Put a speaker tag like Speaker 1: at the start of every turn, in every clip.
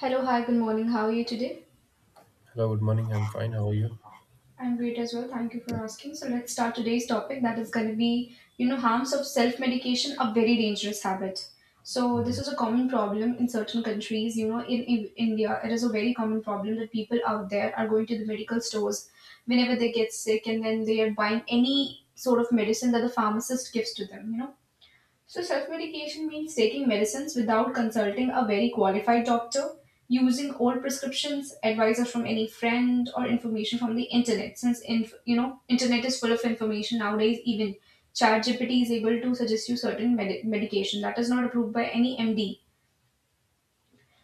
Speaker 1: Hello, hi, good morning. How are you today?
Speaker 2: Hello, good morning. I'm fine. How are you?
Speaker 1: I'm great as well. Thank you for asking. So let's start today's topic that is going to be, harms of self-medication, a very dangerous habit. So this
Speaker 2: Mhm.
Speaker 1: is a common problem in certain countries. You know, in India, it is a very common problem that people out there are going to the medical stores whenever they get sick, and then they are buying any sort of medicine that the pharmacist gives to them. So, self medication means taking medicines without consulting a very qualified doctor, using old prescriptions, advices from any friend, or information from the internet. Since inf- you know, Internet is full of information nowadays. Even ChatGPT is able to suggest you certain medication that is not approved by any MD.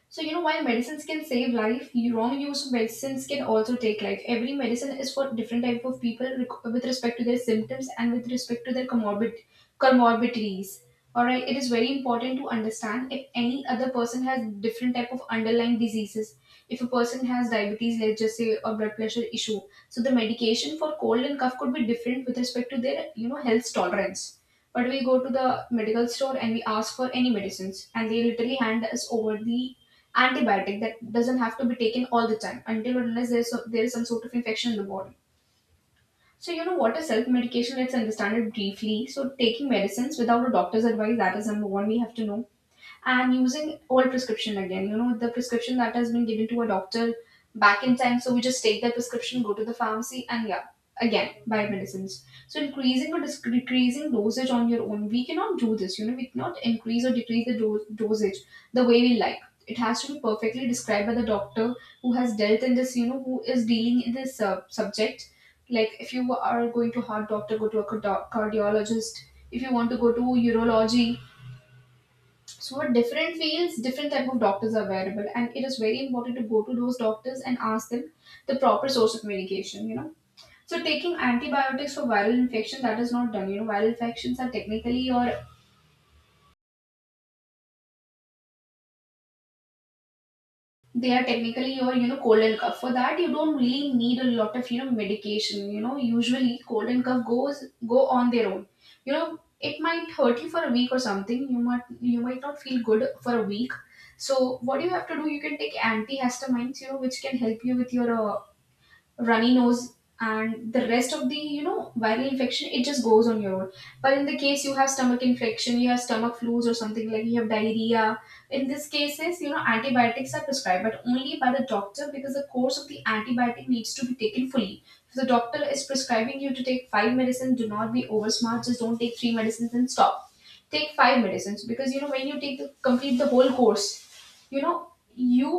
Speaker 1: So, while medicines can save life, wrong use of medicines can also take life. Every medicine is for different type of people with respect to their symptoms and with respect to their comorbidities. All right, it is very important to understand if any other person has different type of underlying diseases. If a person has diabetes, let's just say, or blood pressure issue, so the medication for cold and cough could be different with respect to their health tolerance. But we go to the medical store and we ask for any medicines, and they literally hand us over the antibiotic that doesn't have to be taken all the time until and unless there is some sort of infection in the body. So you know what is self-medication? Let's understand it briefly. So taking medicines without a doctor's advice, that is number one we have to know, and using old prescription. Again, the prescription that has been given to a doctor back in time, so we just take that prescription, go to the pharmacy, and yeah, again buy medicines. So increasing or decreasing dosage on your own, we cannot do this. We cannot increase or decrease the dosage the way we like. It has to be perfectly described by the doctor who has dealt in this, who is dealing in this subject. Like if you are going to heart doctor, go to a cardiologist. If you want to go to urology, so at different fields different type of doctors are available, and it is very important to go to those doctors and ask them the proper source of medication. So taking antibiotics for viral infection, that is not done. Viral infections are technically your they are technically your, cold and cough. For that you don't really need a lot of, medication. You know, usually cold and cough goes go on their own. You know, it might hurt you for a week or something. You might, not feel good for a week. So what do you have to do? You can take antihistamines, which can help you with your runny nose, and the rest of the, viral infection, it just goes on your own. But in the case you have stomach infection, you have stomach flus, or something like you have diarrhea, in these cases, antibiotics are prescribed, but only by the doctor, because the course of the antibiotic needs to be taken fully. If the doctor is prescribing you to take five medicines, do not be over smart, just don't take three medicines and stop. Take five medicines, because you know when you take the complete, the whole course, you know, you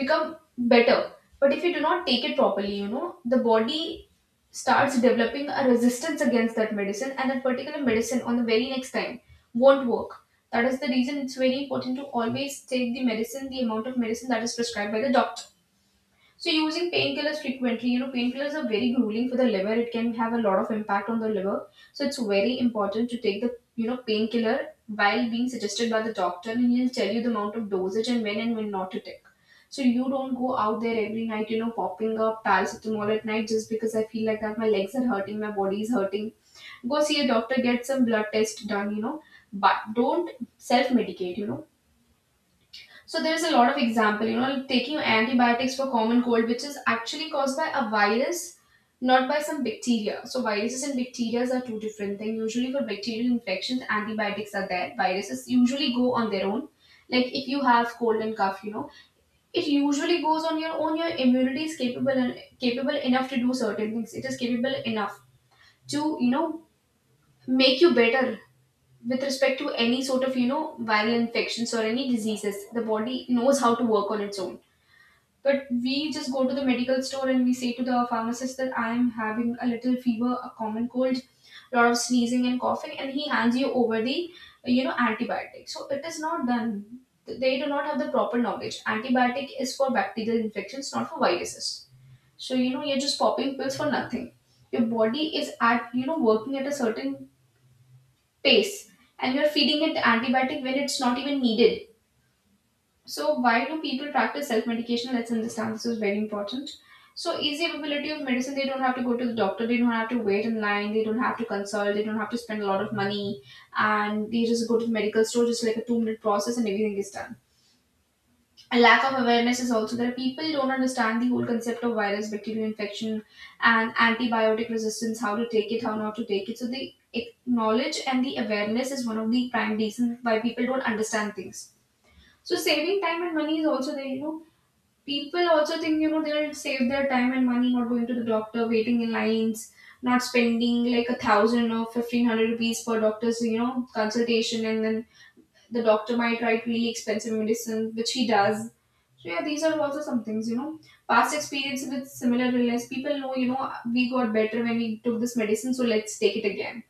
Speaker 1: become better. But if you do not take it properly, you know, the body starts developing a resistance against that medicine, and that particular medicine on the very next time won't work. That is the reason it's very important to always take the medicine, the amount of medicine that is prescribed by the doctor. So using painkillers frequently, you know, painkillers are very grueling for the liver. It can have a lot of impact on the liver. So it's very important to take the, you know, painkiller while being suggested by the doctor, and he'll tell you the amount of dosage and when not to take. So you don't go out there every night, you know, popping up paracetamol at night just because I feel like that my legs are hurting, my body is hurting. Go see a doctor, get some blood test done, but don't self-medicate, you know. So there's a lot of example, you know, taking antibiotics for common cold, which is actually caused by a virus, not by some bacteria. So viruses and bacteria are two different things. Usually for bacterial infections, antibiotics are there. Viruses usually go on their own. Like if you have cold and cough, you know, it usually goes on your own. Your immunity is capable and capable enough to do certain things. It is capable enough to, you know, make you better with respect to any sort of, you know, viral infections or any diseases. The body knows how to work on its own, but we just go to the medical store and we say to the pharmacist that I am having a little fever, a common cold, lot of sneezing and coughing, and he hands you over the, antibiotic. So it is not done. They do not have the proper knowledge. Antibiotic is for bacterial infections, not for viruses. So you know you're just popping pills for nothing. Your body is at, working at a certain pace, and you're feeding it antibiotic when it's not even needed. So, why do people practice self medication? Let's understand, this is very important. So, easy availability of medicine, they don't have to go to the doctor, they don't have to wait in line, they don't have to consult, they don't have to spend a lot of money, and they just go to the medical store, just like a 2-minute process, and everything is done. A lack of awareness is also there. People don't understand the whole concept of virus, bacterial infection, and antibiotic resistance, how to take it, how not to take it. So, knowledge and the awareness is one of the prime reasons why people don't understand things. So, saving time and money is also there, you know, people also think, you know, they'll save their time and money not going to the doctor, waiting in lines, not spending like 1,000 or 1,500 rupees per doctor's, consultation, and then the doctor might write really expensive medicine, which he does. So yeah, these are also some things, you know. Past experience with similar illness: people know, you know, we got better when we took this medicine, so let's take it again.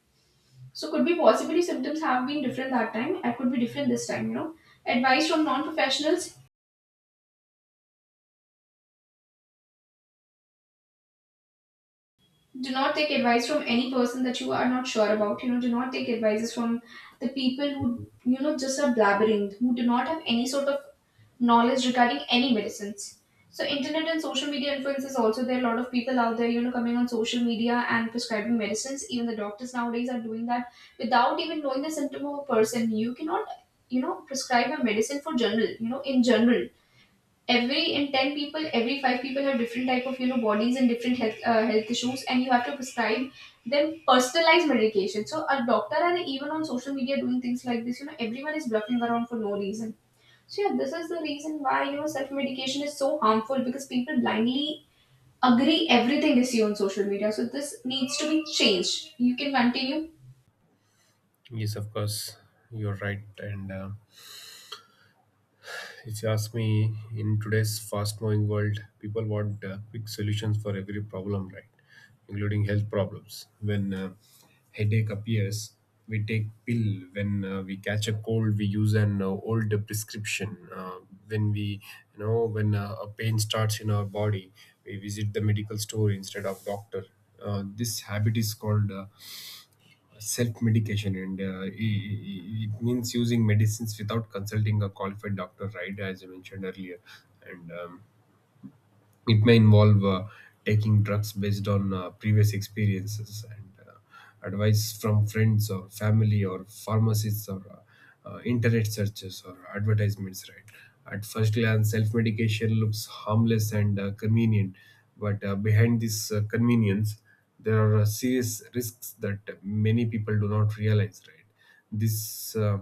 Speaker 1: So could be possibly symptoms have been different that time and could be different this time, you know. Advice from non-professionals: do not take advice from any person that you are not sure about, you know. Do not take advices from the people who, you know, just are blabbering, who do not have any sort of knowledge regarding any medicines. So internet and social media influences also there. Are a lot of people out there, you know, coming on social media and prescribing medicines. Even the doctors nowadays are doing that without even knowing the symptom of a person. You cannot, prescribe a medicine for general, in general. Every in 10 people, every five people have different type of, bodies and different health health issues, and you have to prescribe them personalized medication. So a doctor and even on social media doing things like this, you know, everyone is bluffing around for no reason. So yeah, this is the reason why, you know, self medication is so harmful, because people blindly agree everything they see on social media. So this needs to be changed. You can continue.
Speaker 2: Yes, of course. You're right. And if you ask me, in today's fast moving world, people want quick solutions for every problem, right? Including health problems. When headache appears, we take pill. When we catch a cold, we use an old prescription. When we, you know, when a pain starts in our body, we visit the medical store instead of doctor. This habit is called self-medication, and it means using medicines without consulting a qualified doctor, right? As I mentioned earlier, and it may involve taking drugs based on previous experiences, and advice from friends or family or pharmacists, or internet searches or advertisements, right? At first glance, self-medication looks harmless and convenient, but behind this convenience there are serious risks that many people do not realize, right? this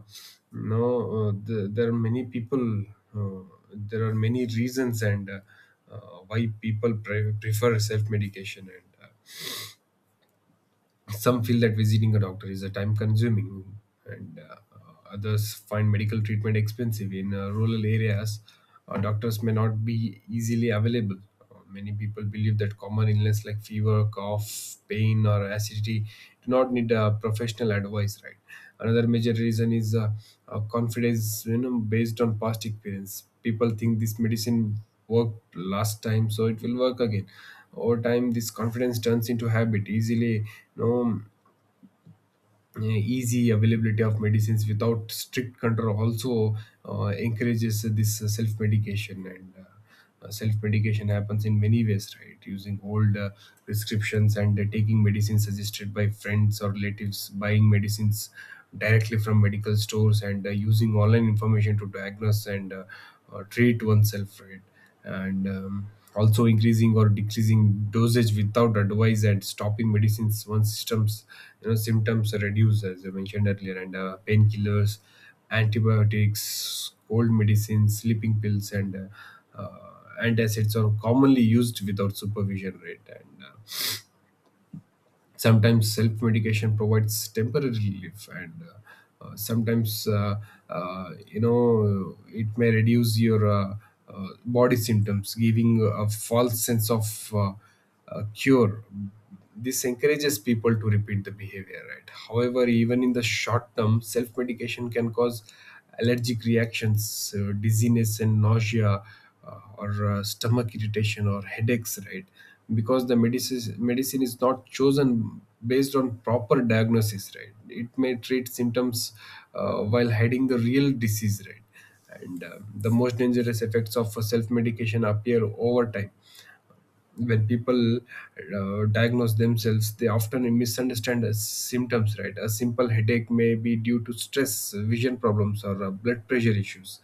Speaker 2: no the, There are many people uh, there are many reasons, and uh, why people prefer self medication, and some feel that visiting a doctor is a time consuming, and others find medical treatment expensive. In rural areas, doctors may not be easily available. Many people believe that common illness like fever, cough, pain, or acidity do not need professional advice, right? Another major reason is confidence, you know, based on past experience. People think this medicine worked last time, so it will work again. Over time, this confidence turns into habit. Easily, you know, easy availability of medicines without strict control also encourages this self medication, and self medication happens in many ways, right? Using old prescriptions, and taking medicines suggested by friends or relatives, buying medicines directly from medical stores, and using online information to diagnose, and treat oneself, right? And also increasing or decreasing dosage without advice, and stopping medicines once systems, you know, symptoms reduce, as I mentioned earlier. And painkillers, antibiotics, cold medicines, sleeping pills, and antacids are commonly used without supervision, right? and Sometimes self medication provides temporary relief, and sometimes you know, it may reduce your body symptoms, giving a false sense of cure. This encourages people to repeat the behavior, right? However, even in the short term, self medication can cause allergic reactions, dizziness, and nausea, or stomach irritation, or headaches, right? Because the medicine is not chosen based on proper diagnosis, right? It may treat symptoms, while hiding the real disease, right? And the most dangerous effects of self medication appear over time. When people diagnose themselves, they often misunderstand as symptoms, right? A simple headache may be due to stress, vision problems, or blood pressure issues.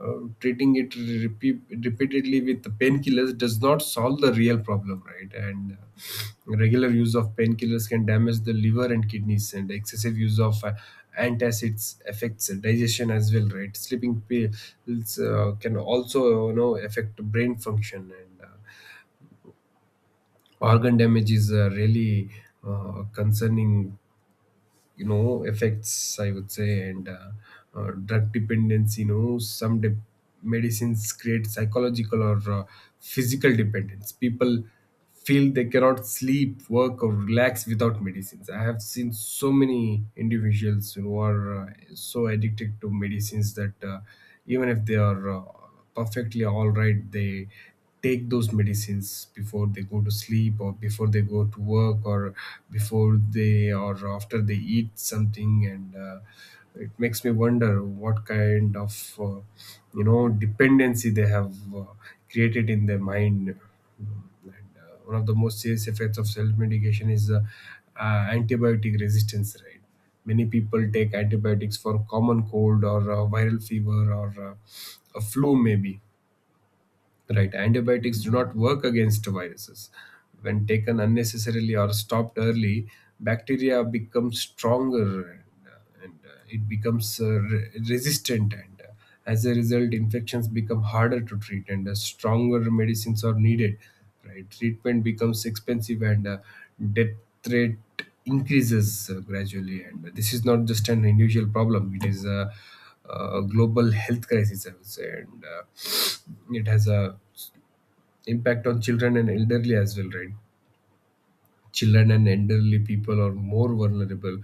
Speaker 2: Treating it repeat, repeatedly with painkillers does not solve the real problem, right? And regular use of painkillers can damage the liver and kidneys, and excessive use of antacids affects digestion as well, right? Sleeping pills can also, you know, affect brain function, and organ damage is really concerning, you know, effects, I would say. And drug dependency. You know, some medicines create psychological or physical dependence. People feel they cannot sleep, work, or relax without medicines. I have seen so many individuals who are so addicted to medicines that, even if they are perfectly all right, they take those medicines before they go to sleep, or before they go to work, or before they or after they eat something. And it makes me wonder what kind of you know dependency they have created in their mind. Mm, and one of the most serious effects of self-medication is antibiotic resistance, right? Many people take antibiotics for common cold, or viral fever, or a flu maybe. Right. Antibiotics do not work against viruses. When taken unnecessarily or stopped early, bacteria become stronger, and it becomes resistant. And as a result, infections become harder to treat, and stronger medicines are needed. Right. Treatment becomes expensive, and death rate increases gradually. And this is not just an individual problem, it is a global health crisis, I would say. And it has a impact on children and elderly as well, right? Children and elderly people are more vulnerable.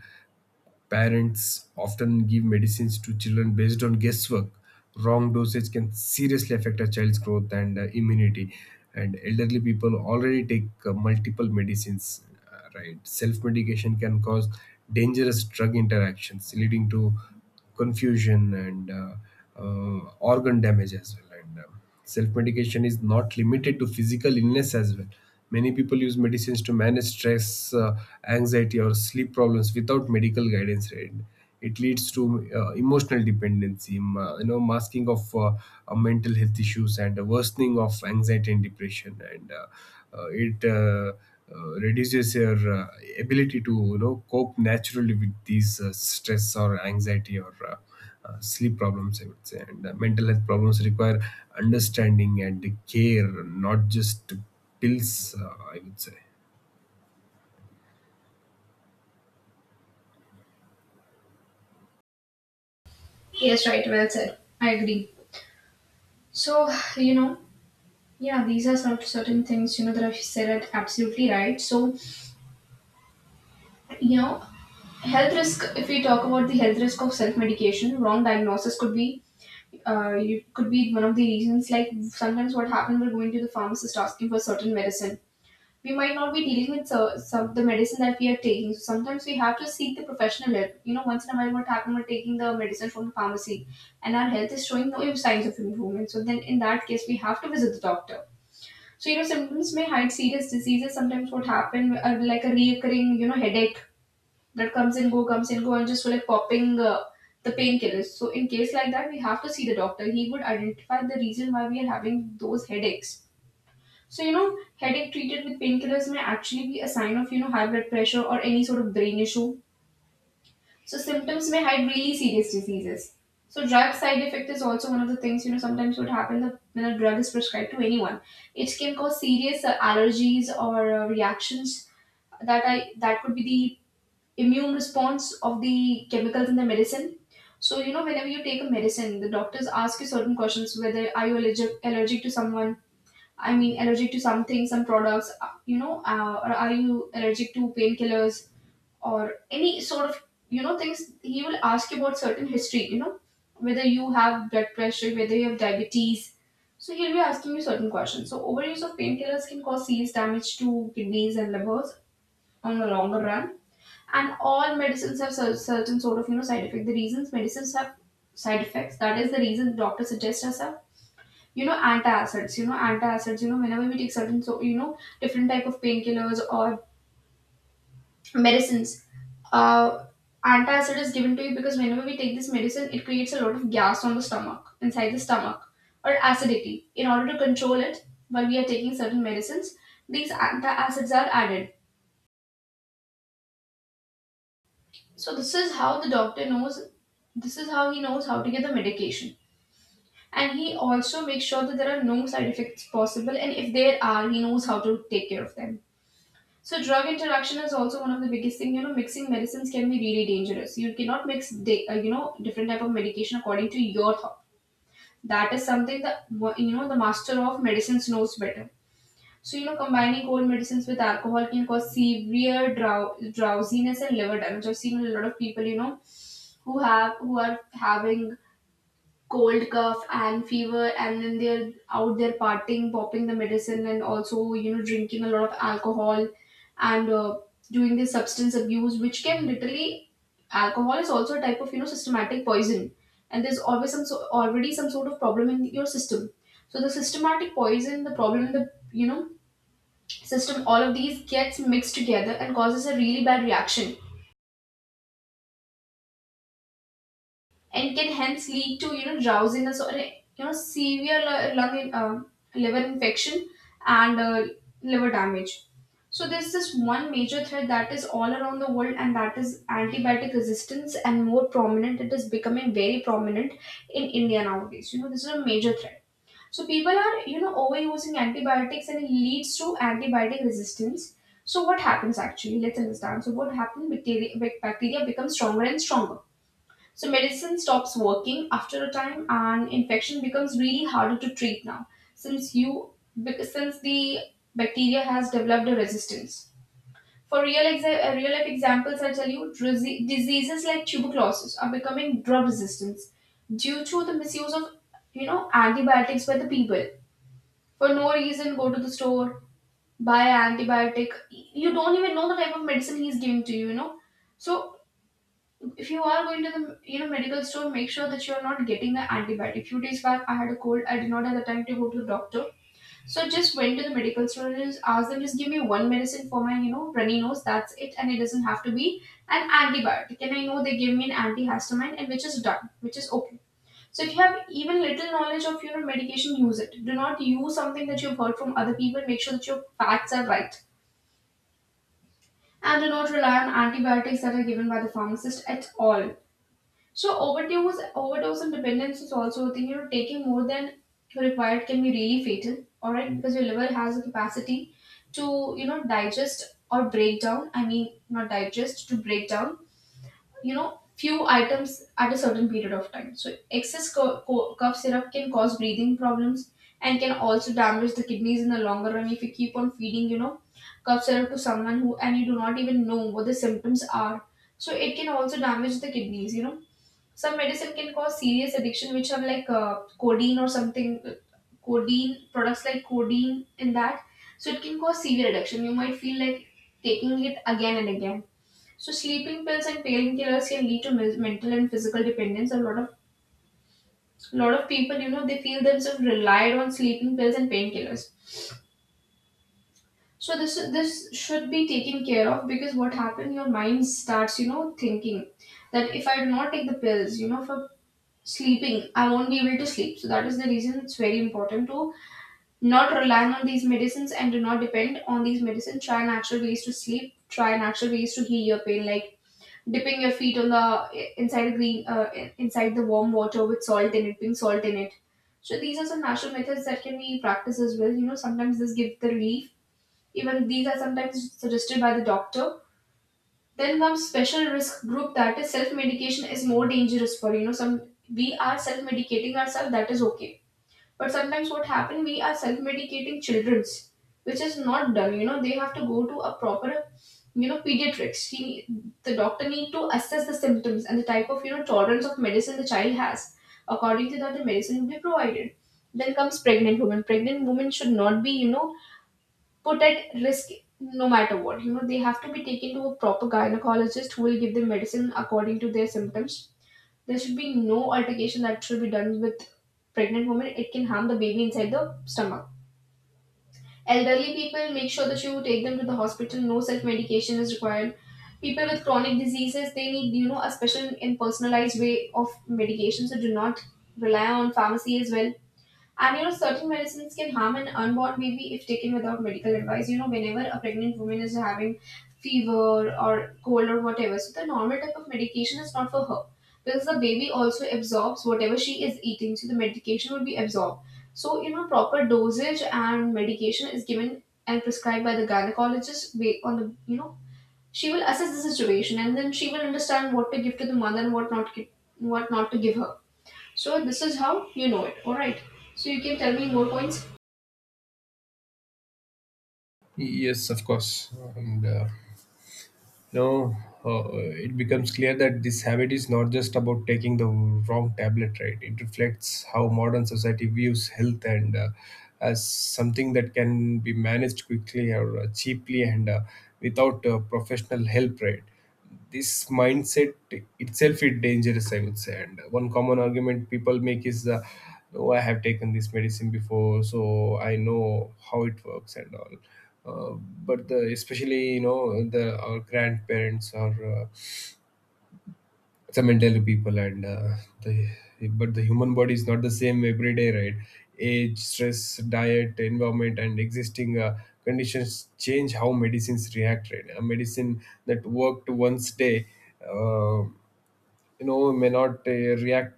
Speaker 2: Parents often give medicines to children based on guesswork. Wrong dosage can seriously affect a child's growth and immunity. And elderly people already take multiple medicines, right? Self medication can cause dangerous drug interactions, leading to confusion and organ damage as well. And self medication is not limited to physical illness as well. Many people use medicines to manage stress, anxiety, or sleep problems without medical guidance. Right? It leads to emotional dependency, you know, masking of mental health issues, and a worsening of anxiety and depression. And it reduces your ability to, you know, cope naturally with these stress or anxiety or sleep problems, I would say. And mental health problems require understanding and care, not just pills, I would say.
Speaker 1: Yes, right, well said, I agree. So, you know, yeah, these are some certain things, you know, that I've said are absolutely right. So, you know, health risk, if we talk about the health risk of self-medication, wrong diagnosis could be, you could be one of the reasons. Like sometimes what happened, we're going to the pharmacist asking for certain medicine we might not be dealing with. So, some the medicine that we are taking, so sometimes we have to seek the professional help, you know. Once in a while what happened, we're taking the medicine from the pharmacy and our health is showing no signs of improvement, so then in that case we have to visit the doctor. So you know, symptoms may hide serious diseases. Sometimes what happened, like a recurring, you know, headache that comes and go, and just for like popping The painkillers. So in case like that, we have to see the doctor. He would identify the reason why we are having those headaches. So you know, headache treated with painkillers may actually be a sign of you know high blood pressure or any sort of brain issue. So symptoms may hide really serious diseases. So drug side effect is also one of the things you know sometimes would happen that when a drug is prescribed to anyone, it can cause serious allergies or reactions that could be the immune response of the chemicals in the medicine. So you know, whenever you take a medicine, the doctors ask you certain questions: whether are you allergic to someone? I mean, allergic to something, some products, or are you allergic to painkillers or any sort of you know things? He will ask you about certain history. You know, whether you have blood pressure, whether you have diabetes. So he'll be asking you certain questions. So overuse of painkillers can cause serious damage to kidneys and livers on the longer run, and all medicines have certain sort of you know side effect. The reasons medicines have side effects, that is the reason doctors suggest us have you know antacids. You know antacids. You know whenever we take certain so you know different type of painkillers or medicines. Uh, Antacid is given to you because whenever we take this medicine, it creates a lot of gas on the stomach, inside the stomach, or acidity. In order to control it, while we are taking certain medicines, these antacids are added. So this is how the doctor knows, this is how he knows how to get the medication. And he also makes sure that there are no side effects possible, and if there are, he knows how to take care of them. So drug interaction is also one of the biggest thing. You know, mixing medicines can be really dangerous. You cannot mix, you know, different type of medication according to your thought. That is something that you know the master of medicines knows better. So you know, combining cold medicines with alcohol can cause severe drowsiness and liver damage. I've seen a lot of people, you know, who are having cold, cough and fever, and then they're out there partying, popping the medicine and also you know drinking a lot of alcohol and doing this substance abuse, which can literally, alcohol is also a type of you know systematic poison, and there's always already some sort of problem in your system, so the systematic poison, the problem in the you know system, all of these gets mixed together and causes a really bad reaction, and can hence lead to you know drowsiness or a, you know severe liver infection and liver damage. So there's this one major threat that is all around the world, and that is antibiotic resistance, and more prominent. It is becoming very prominent in India nowadays. You know, this is a major threat. So people are, you know, overusing antibiotics, and it leads to antibiotic resistance. So what happens actually? Let's understand. So what happens? Bacteria becomes stronger and stronger, so medicine stops working after a time, and infection becomes really harder to treat now, since you because since the bacteria has developed a resistance. For real life examples, I tell you, diseases like tuberculosis are becoming drug resistant due to the misuse of you know antibiotics by the people for no reason. Go to the store, buy an antibiotic. You don't even know the type of medicine he's giving to you. You know, so if you are going to the you know medical store, make sure that you are not getting the antibiotic. Few days back I had a cold, I did not have the time to go to the doctor, so just went to the medical store and just asked them, just give me one medicine for my you know runny nose, that's it, and it doesn't have to be an antibiotic. And I know they gave me an antihistamine, and which is done, which is okay. So if you have even little knowledge of you know medication, use it. Do not use something that you've heard from other people. Make sure that your facts are right, and do not rely on antibiotics that are given by the pharmacist at all. So overdose and dependence is also a thing. You know, taking more than required can be really fatal. All right, because your liver has a capacity to you know digest or break down. I mean, not digest, to break down. You know, few items at a certain period of time. So excess cough syrup can cause breathing problems and can also damage the kidneys in the longer run if you keep on feeding. You know, cough syrup to someone who, and you do not even know what the symptoms are. So it can also damage the kidneys. You know some medicine can cause serious addiction, which have like codeine or something, codeine products, like codeine in that. So it can cause severe addiction. You might feel like taking it again and again. So sleeping pills and painkillers can lead to mental and physical dependence. A lot of people, you know, they feel themselves relied on sleeping pills and painkillers. So this should be taken care of, because what happens, your mind starts, you know, thinking that if I do not take the pills, you know, for sleeping, I won't be able to sleep. So that is the reason it's very important to not rely on these medicines and do not depend on these medicines. Try natural ways to sleep, try natural ways to heal your pain, like dipping your feet on the inside the green inside the warm water with salt in it, putting salt in it. So these are some natural methods that can be practiced as well. You know, sometimes this gives the relief, even these are sometimes suggested by the doctor. Then comes special risk group, that is self-medication is more dangerous for you know some. We are self-medicating ourselves, that is okay, but sometimes what happen, we are self-medicating childrens, which is not done. You know, they have to go to a proper you know pediatrics. He, the doctor need to assess the symptoms and the type of you know tolerance of medicine the child has. According to that, the medicine will be provided. Then comes pregnant women. Pregnant women should not be you know put at risk, no matter what. You know, they have to be taken to a proper gynecologist, who will give them medicine according to their symptoms. There should be no altercation that should be done with pregnant women. It can harm the baby inside the stomach. Elderly people, make sure that you take them to the hospital. No self medication is required. People with chronic diseases, they need you know a special and personalized way of medication. So do not rely on pharmacy as well. And you know, certain medicines can harm an unborn baby if taken without medical advice. You know, whenever a pregnant woman is having fever or cold or whatever, so the normal type of medication is not for her, because the baby also absorbs whatever she is eating, so the medication will be absorbed. So, you know, proper dosage and medication is given and prescribed by the gynecologist, on the, you know, she will assess the situation and then she will understand what to give to the mother and what not to give her. So this is how you know it. Alright. So you can tell me more points.
Speaker 2: Yes, of course. And you know, it becomes clear that this habit is not just about taking the wrong tablet, right? It reflects how modern society views health and, as something that can be managed quickly or cheaply, and without professional help, right? This mindset itself is dangerous, I would say. And one common argument people make is, oh, I have taken this medicine before, so I know how it works and all. uh, but the, especially, you know, the our grandparents, or some elderly people, and the but the human body is not the same every day, right? Age, stress, diet, environment, and existing conditions change how medicines react, right? A medicine that worked once day, uh, you know, may not react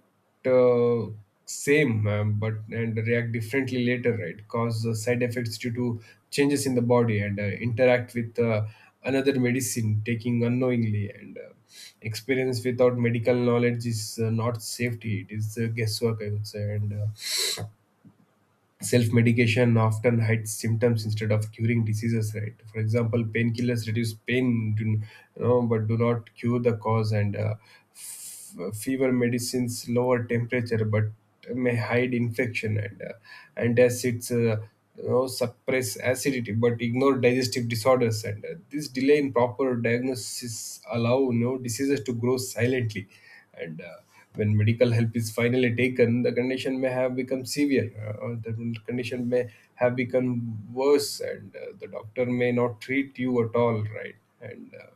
Speaker 2: same, but and react differently later, right? Cause side effects due to changes in the body, and interact with another medicine taking unknowingly. And experience without medical knowledge is not safety, it is guesswork, I would say. And self medication often hides symptoms instead of curing diseases, right? For example, painkillers reduce pain, do, you know, but do not cure the cause. And fever medicines lower temperature but may hide infection, and antacids, you know, suppress acidity but ignore digestive disorders. And this delay in proper diagnosis allow, you know, diseases to grow silently. And when medical help is finally taken, the condition may have become severe, or the condition may have become worse, and the doctor may not treat you at all, right? And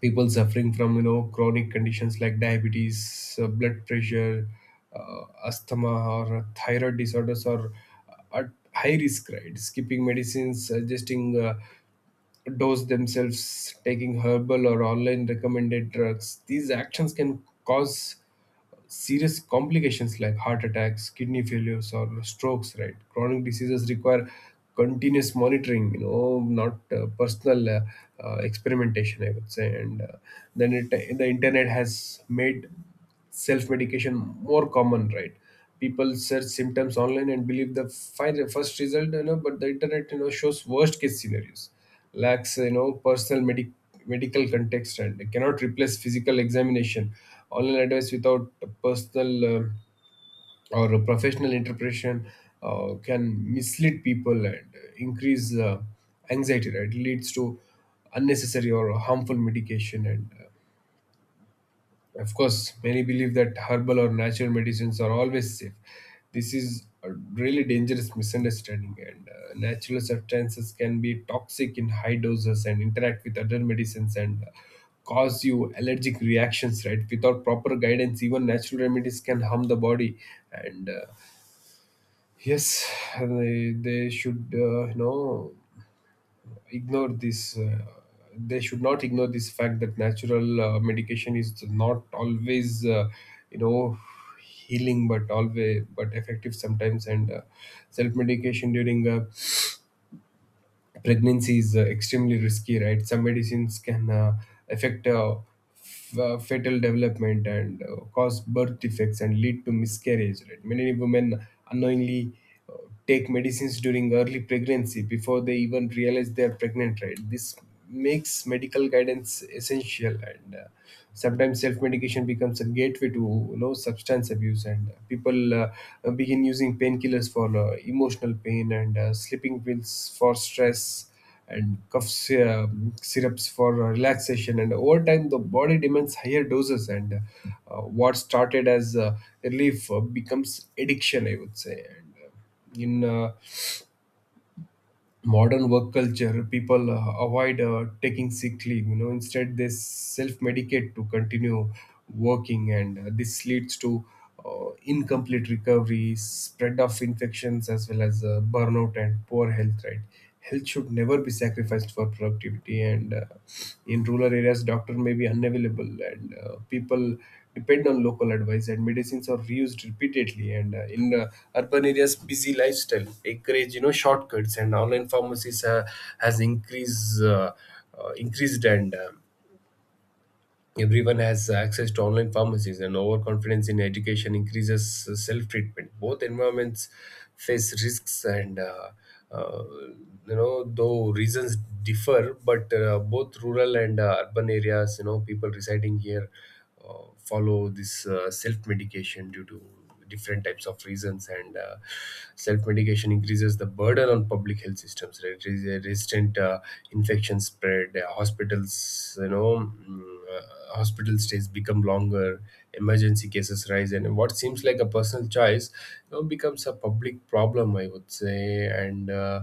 Speaker 2: people suffering from, you know, chronic conditions like diabetes, blood pressure, uh, asthma, or thyroid disorders are at high risk, right? Skipping medicines, adjusting dose themselves, taking herbal or online recommended drugs, these actions can cause serious complications like heart attacks, kidney failures, or strokes, right? Chronic diseases require continuous monitoring, you know, not personal experimentation, I would say. And the internet has made self medication more common, right? People search symptoms online and believe the first result, you know, but the internet, you know, shows worst case scenarios, lacks, you know, personal medical context, and cannot replace physical examination. Online advice without personal or professional interpretation can mislead people and increase anxiety, right? It leads to unnecessary or harmful medication. And of course, many believe that herbal or natural medicines are always safe. This is a really dangerous misunderstanding, and natural substances can be toxic in high doses, and interact with other medicines, and cause you allergic reactions, right? Without proper guidance, even natural remedies can harm the body. And yes, they should, you know, ignore this, they should not ignore this fact that natural medication is not always you know healing, but always but effective sometimes. And self medication during pregnancy is extremely risky, right? Some medicines can affect fetal development, and cause birth defects, and lead to miscarriage, right? Many women unknowingly uh, take medicines during early pregnancy before they even realize they are pregnant, right? This makes medical guidance essential. And sometimes self-medication becomes a gateway to, you know, substance abuse. And people begin using painkillers for emotional pain, and sleeping pills for stress, and cough syrups for relaxation, and over time the body demands higher doses. And what started as relief becomes addiction, I would say. And in modern work culture, people avoid taking sick leave. You know, instead they self-medicate to continue working, and this leads to incomplete recovery, spread of infections, as well as burnout and poor health. Right, health should never be sacrificed for productivity. And in rural areas, doctor may be unavailable, and people depend on local advice, and medicines are reused repeatedly. And in urban areas, busy lifestyle encourage, you know, shortcuts, and online pharmacies has increased, and everyone has access to online pharmacies, and overconfidence in education increases self treatment. Both environments face risks, and uh, you know, though reasons differ, but both rural and urban areas, you know, people residing here follow this self medication due to different types of reasons. And self medication increases the burden on public health systems, right? It is a resistant infection spread, hospitals, you know, hospital stays become longer, emergency cases rise, and what seems like a personal choice, you know, becomes a public problem, I would say. And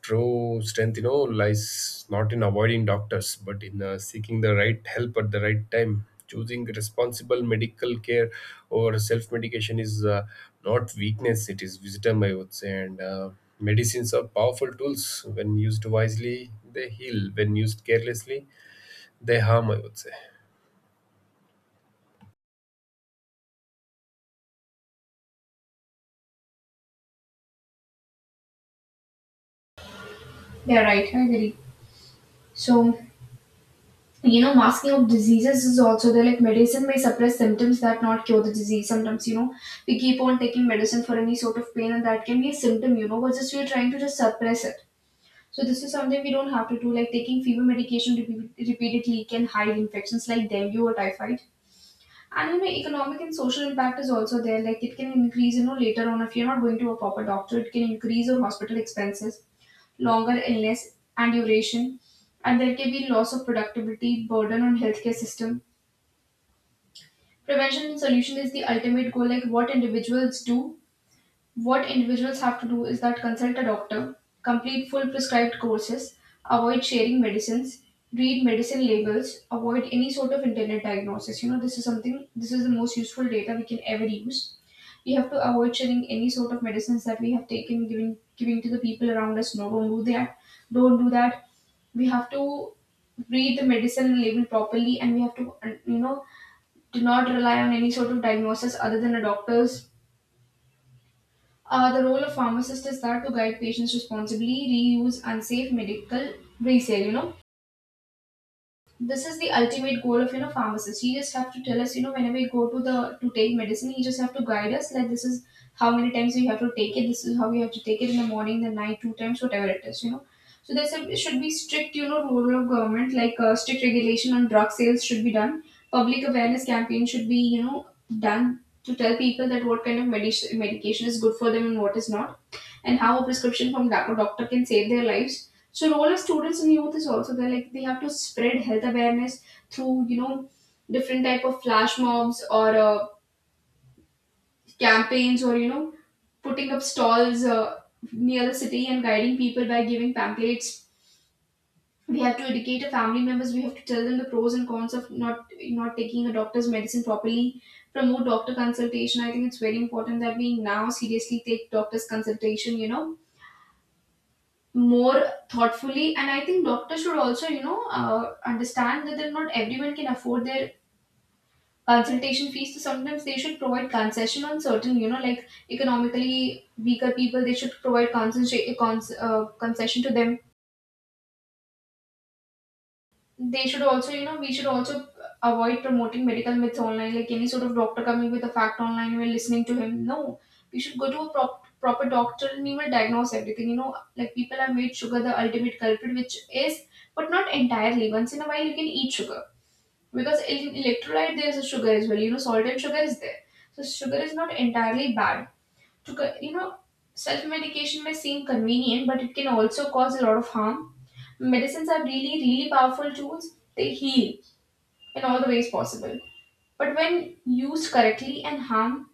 Speaker 2: true strength, you know, lies not in avoiding doctors, but in seeking the right help at the right time. Choosing responsible medical care or self medication is not weakness, it is wisdom, I would say. And medicines are powerful tools. When used wisely, they heal. When used carelessly, they harm, I would say.
Speaker 1: Yeah, right, I agree. So, you know, masking of diseases is also there. Like, medicine may suppress symptoms that not cure the disease. Sometimes, you know, we keep on taking medicine for any sort of pain, and that can be a symptom, you know, but just we're trying to just suppress it. So, this is something we don't have to do. Like, taking fever medication repeatedly can hide infections like dengue or typhoid. And, you know, economic and social impact is also there. Like, it can increase, you know, later on if you're not going to a proper doctor, it can increase your hospital expenses, longer illness and duration, and there can be loss of productivity, burden on healthcare system. Prevention and solution is the ultimate goal. Like what individuals do, what individuals have to do is that consult a doctor, complete full prescribed courses, avoid sharing medicines, read medicine labels, avoid any sort of internet diagnosis. You know, this is something. This is the most useful data we can ever use. We have to avoid sharing any sort of medicines that we have taken, giving to the people around us. No, don't do that, don't do that. We have to read the medicine label properly, and we have to do not rely on any sort of diagnosis other than a doctor's. The role of pharmacist is that to guide patients responsibly, reuse unsafe medical resale, you know. This is the ultimate goal of, you know, pharmacist. He just have to tell us, you know, whenever we go to the to take medicine, he just have to guide us like, this is how many times we have to take it, this is how we have to take it, in the morning, the night, two times, whatever it is, you know. So there's a it should be strict, you know, rule of government, like, strict regulation on drug sales should be done. Public awareness campaign should be, you know, done to tell people that what kind of medication is good for them and what is not, and how a prescription from doctor can save their lives. So role of students and youth is also there. Like, they have to spread health awareness through, you know, different type of flash mobs, or campaigns, or, you know, putting up stalls near the city and guiding people by giving pamphlets. We have to educate our family members. We have to tell them the pros and cons of not taking a doctor's medicine properly. Promote doctor consultation. I think it's very important that we now seriously take doctor's consultation, you know, more thoughtfully. And I think doctors should also, you know, understand that they're not everyone can afford their consultation fees, so sometimes they should provide concession on certain, you know, like economically weaker people, they should provide concession to them. They should also, you know, we should also avoid promoting medical myths online, like any sort of doctor coming with a fact online and we're listening to him. No, we should go to a proper doctor and he will diagnose everything. You know, like people have made sugar the ultimate culprit, which is, but not entirely. Once in a while, you can eat sugar, because in electrolyte there is a sugar as well. You know, salt and sugar is there, so sugar is not entirely bad to co- you know Self medication may seem convenient, but it can also cause a lot of harm. Medicines are really powerful tools. They heal in all the ways possible, but when used correctly, and harm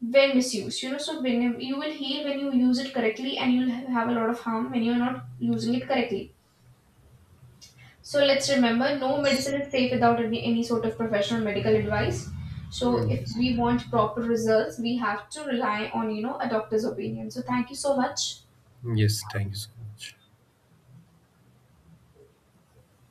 Speaker 1: when misused, you know. So when you will heal when you use it correctly, and you'll have a lot of harm when you're not using it correctly. So let's remember, no
Speaker 2: Yes.
Speaker 1: medicine is safe without any sort of professional medical advice. So
Speaker 2: Hmm,
Speaker 1: if
Speaker 2: yes.
Speaker 1: we want proper results, we have to rely on, you know, a doctor's opinion. So thank you so much.
Speaker 2: Hmm, yes, thank you so much.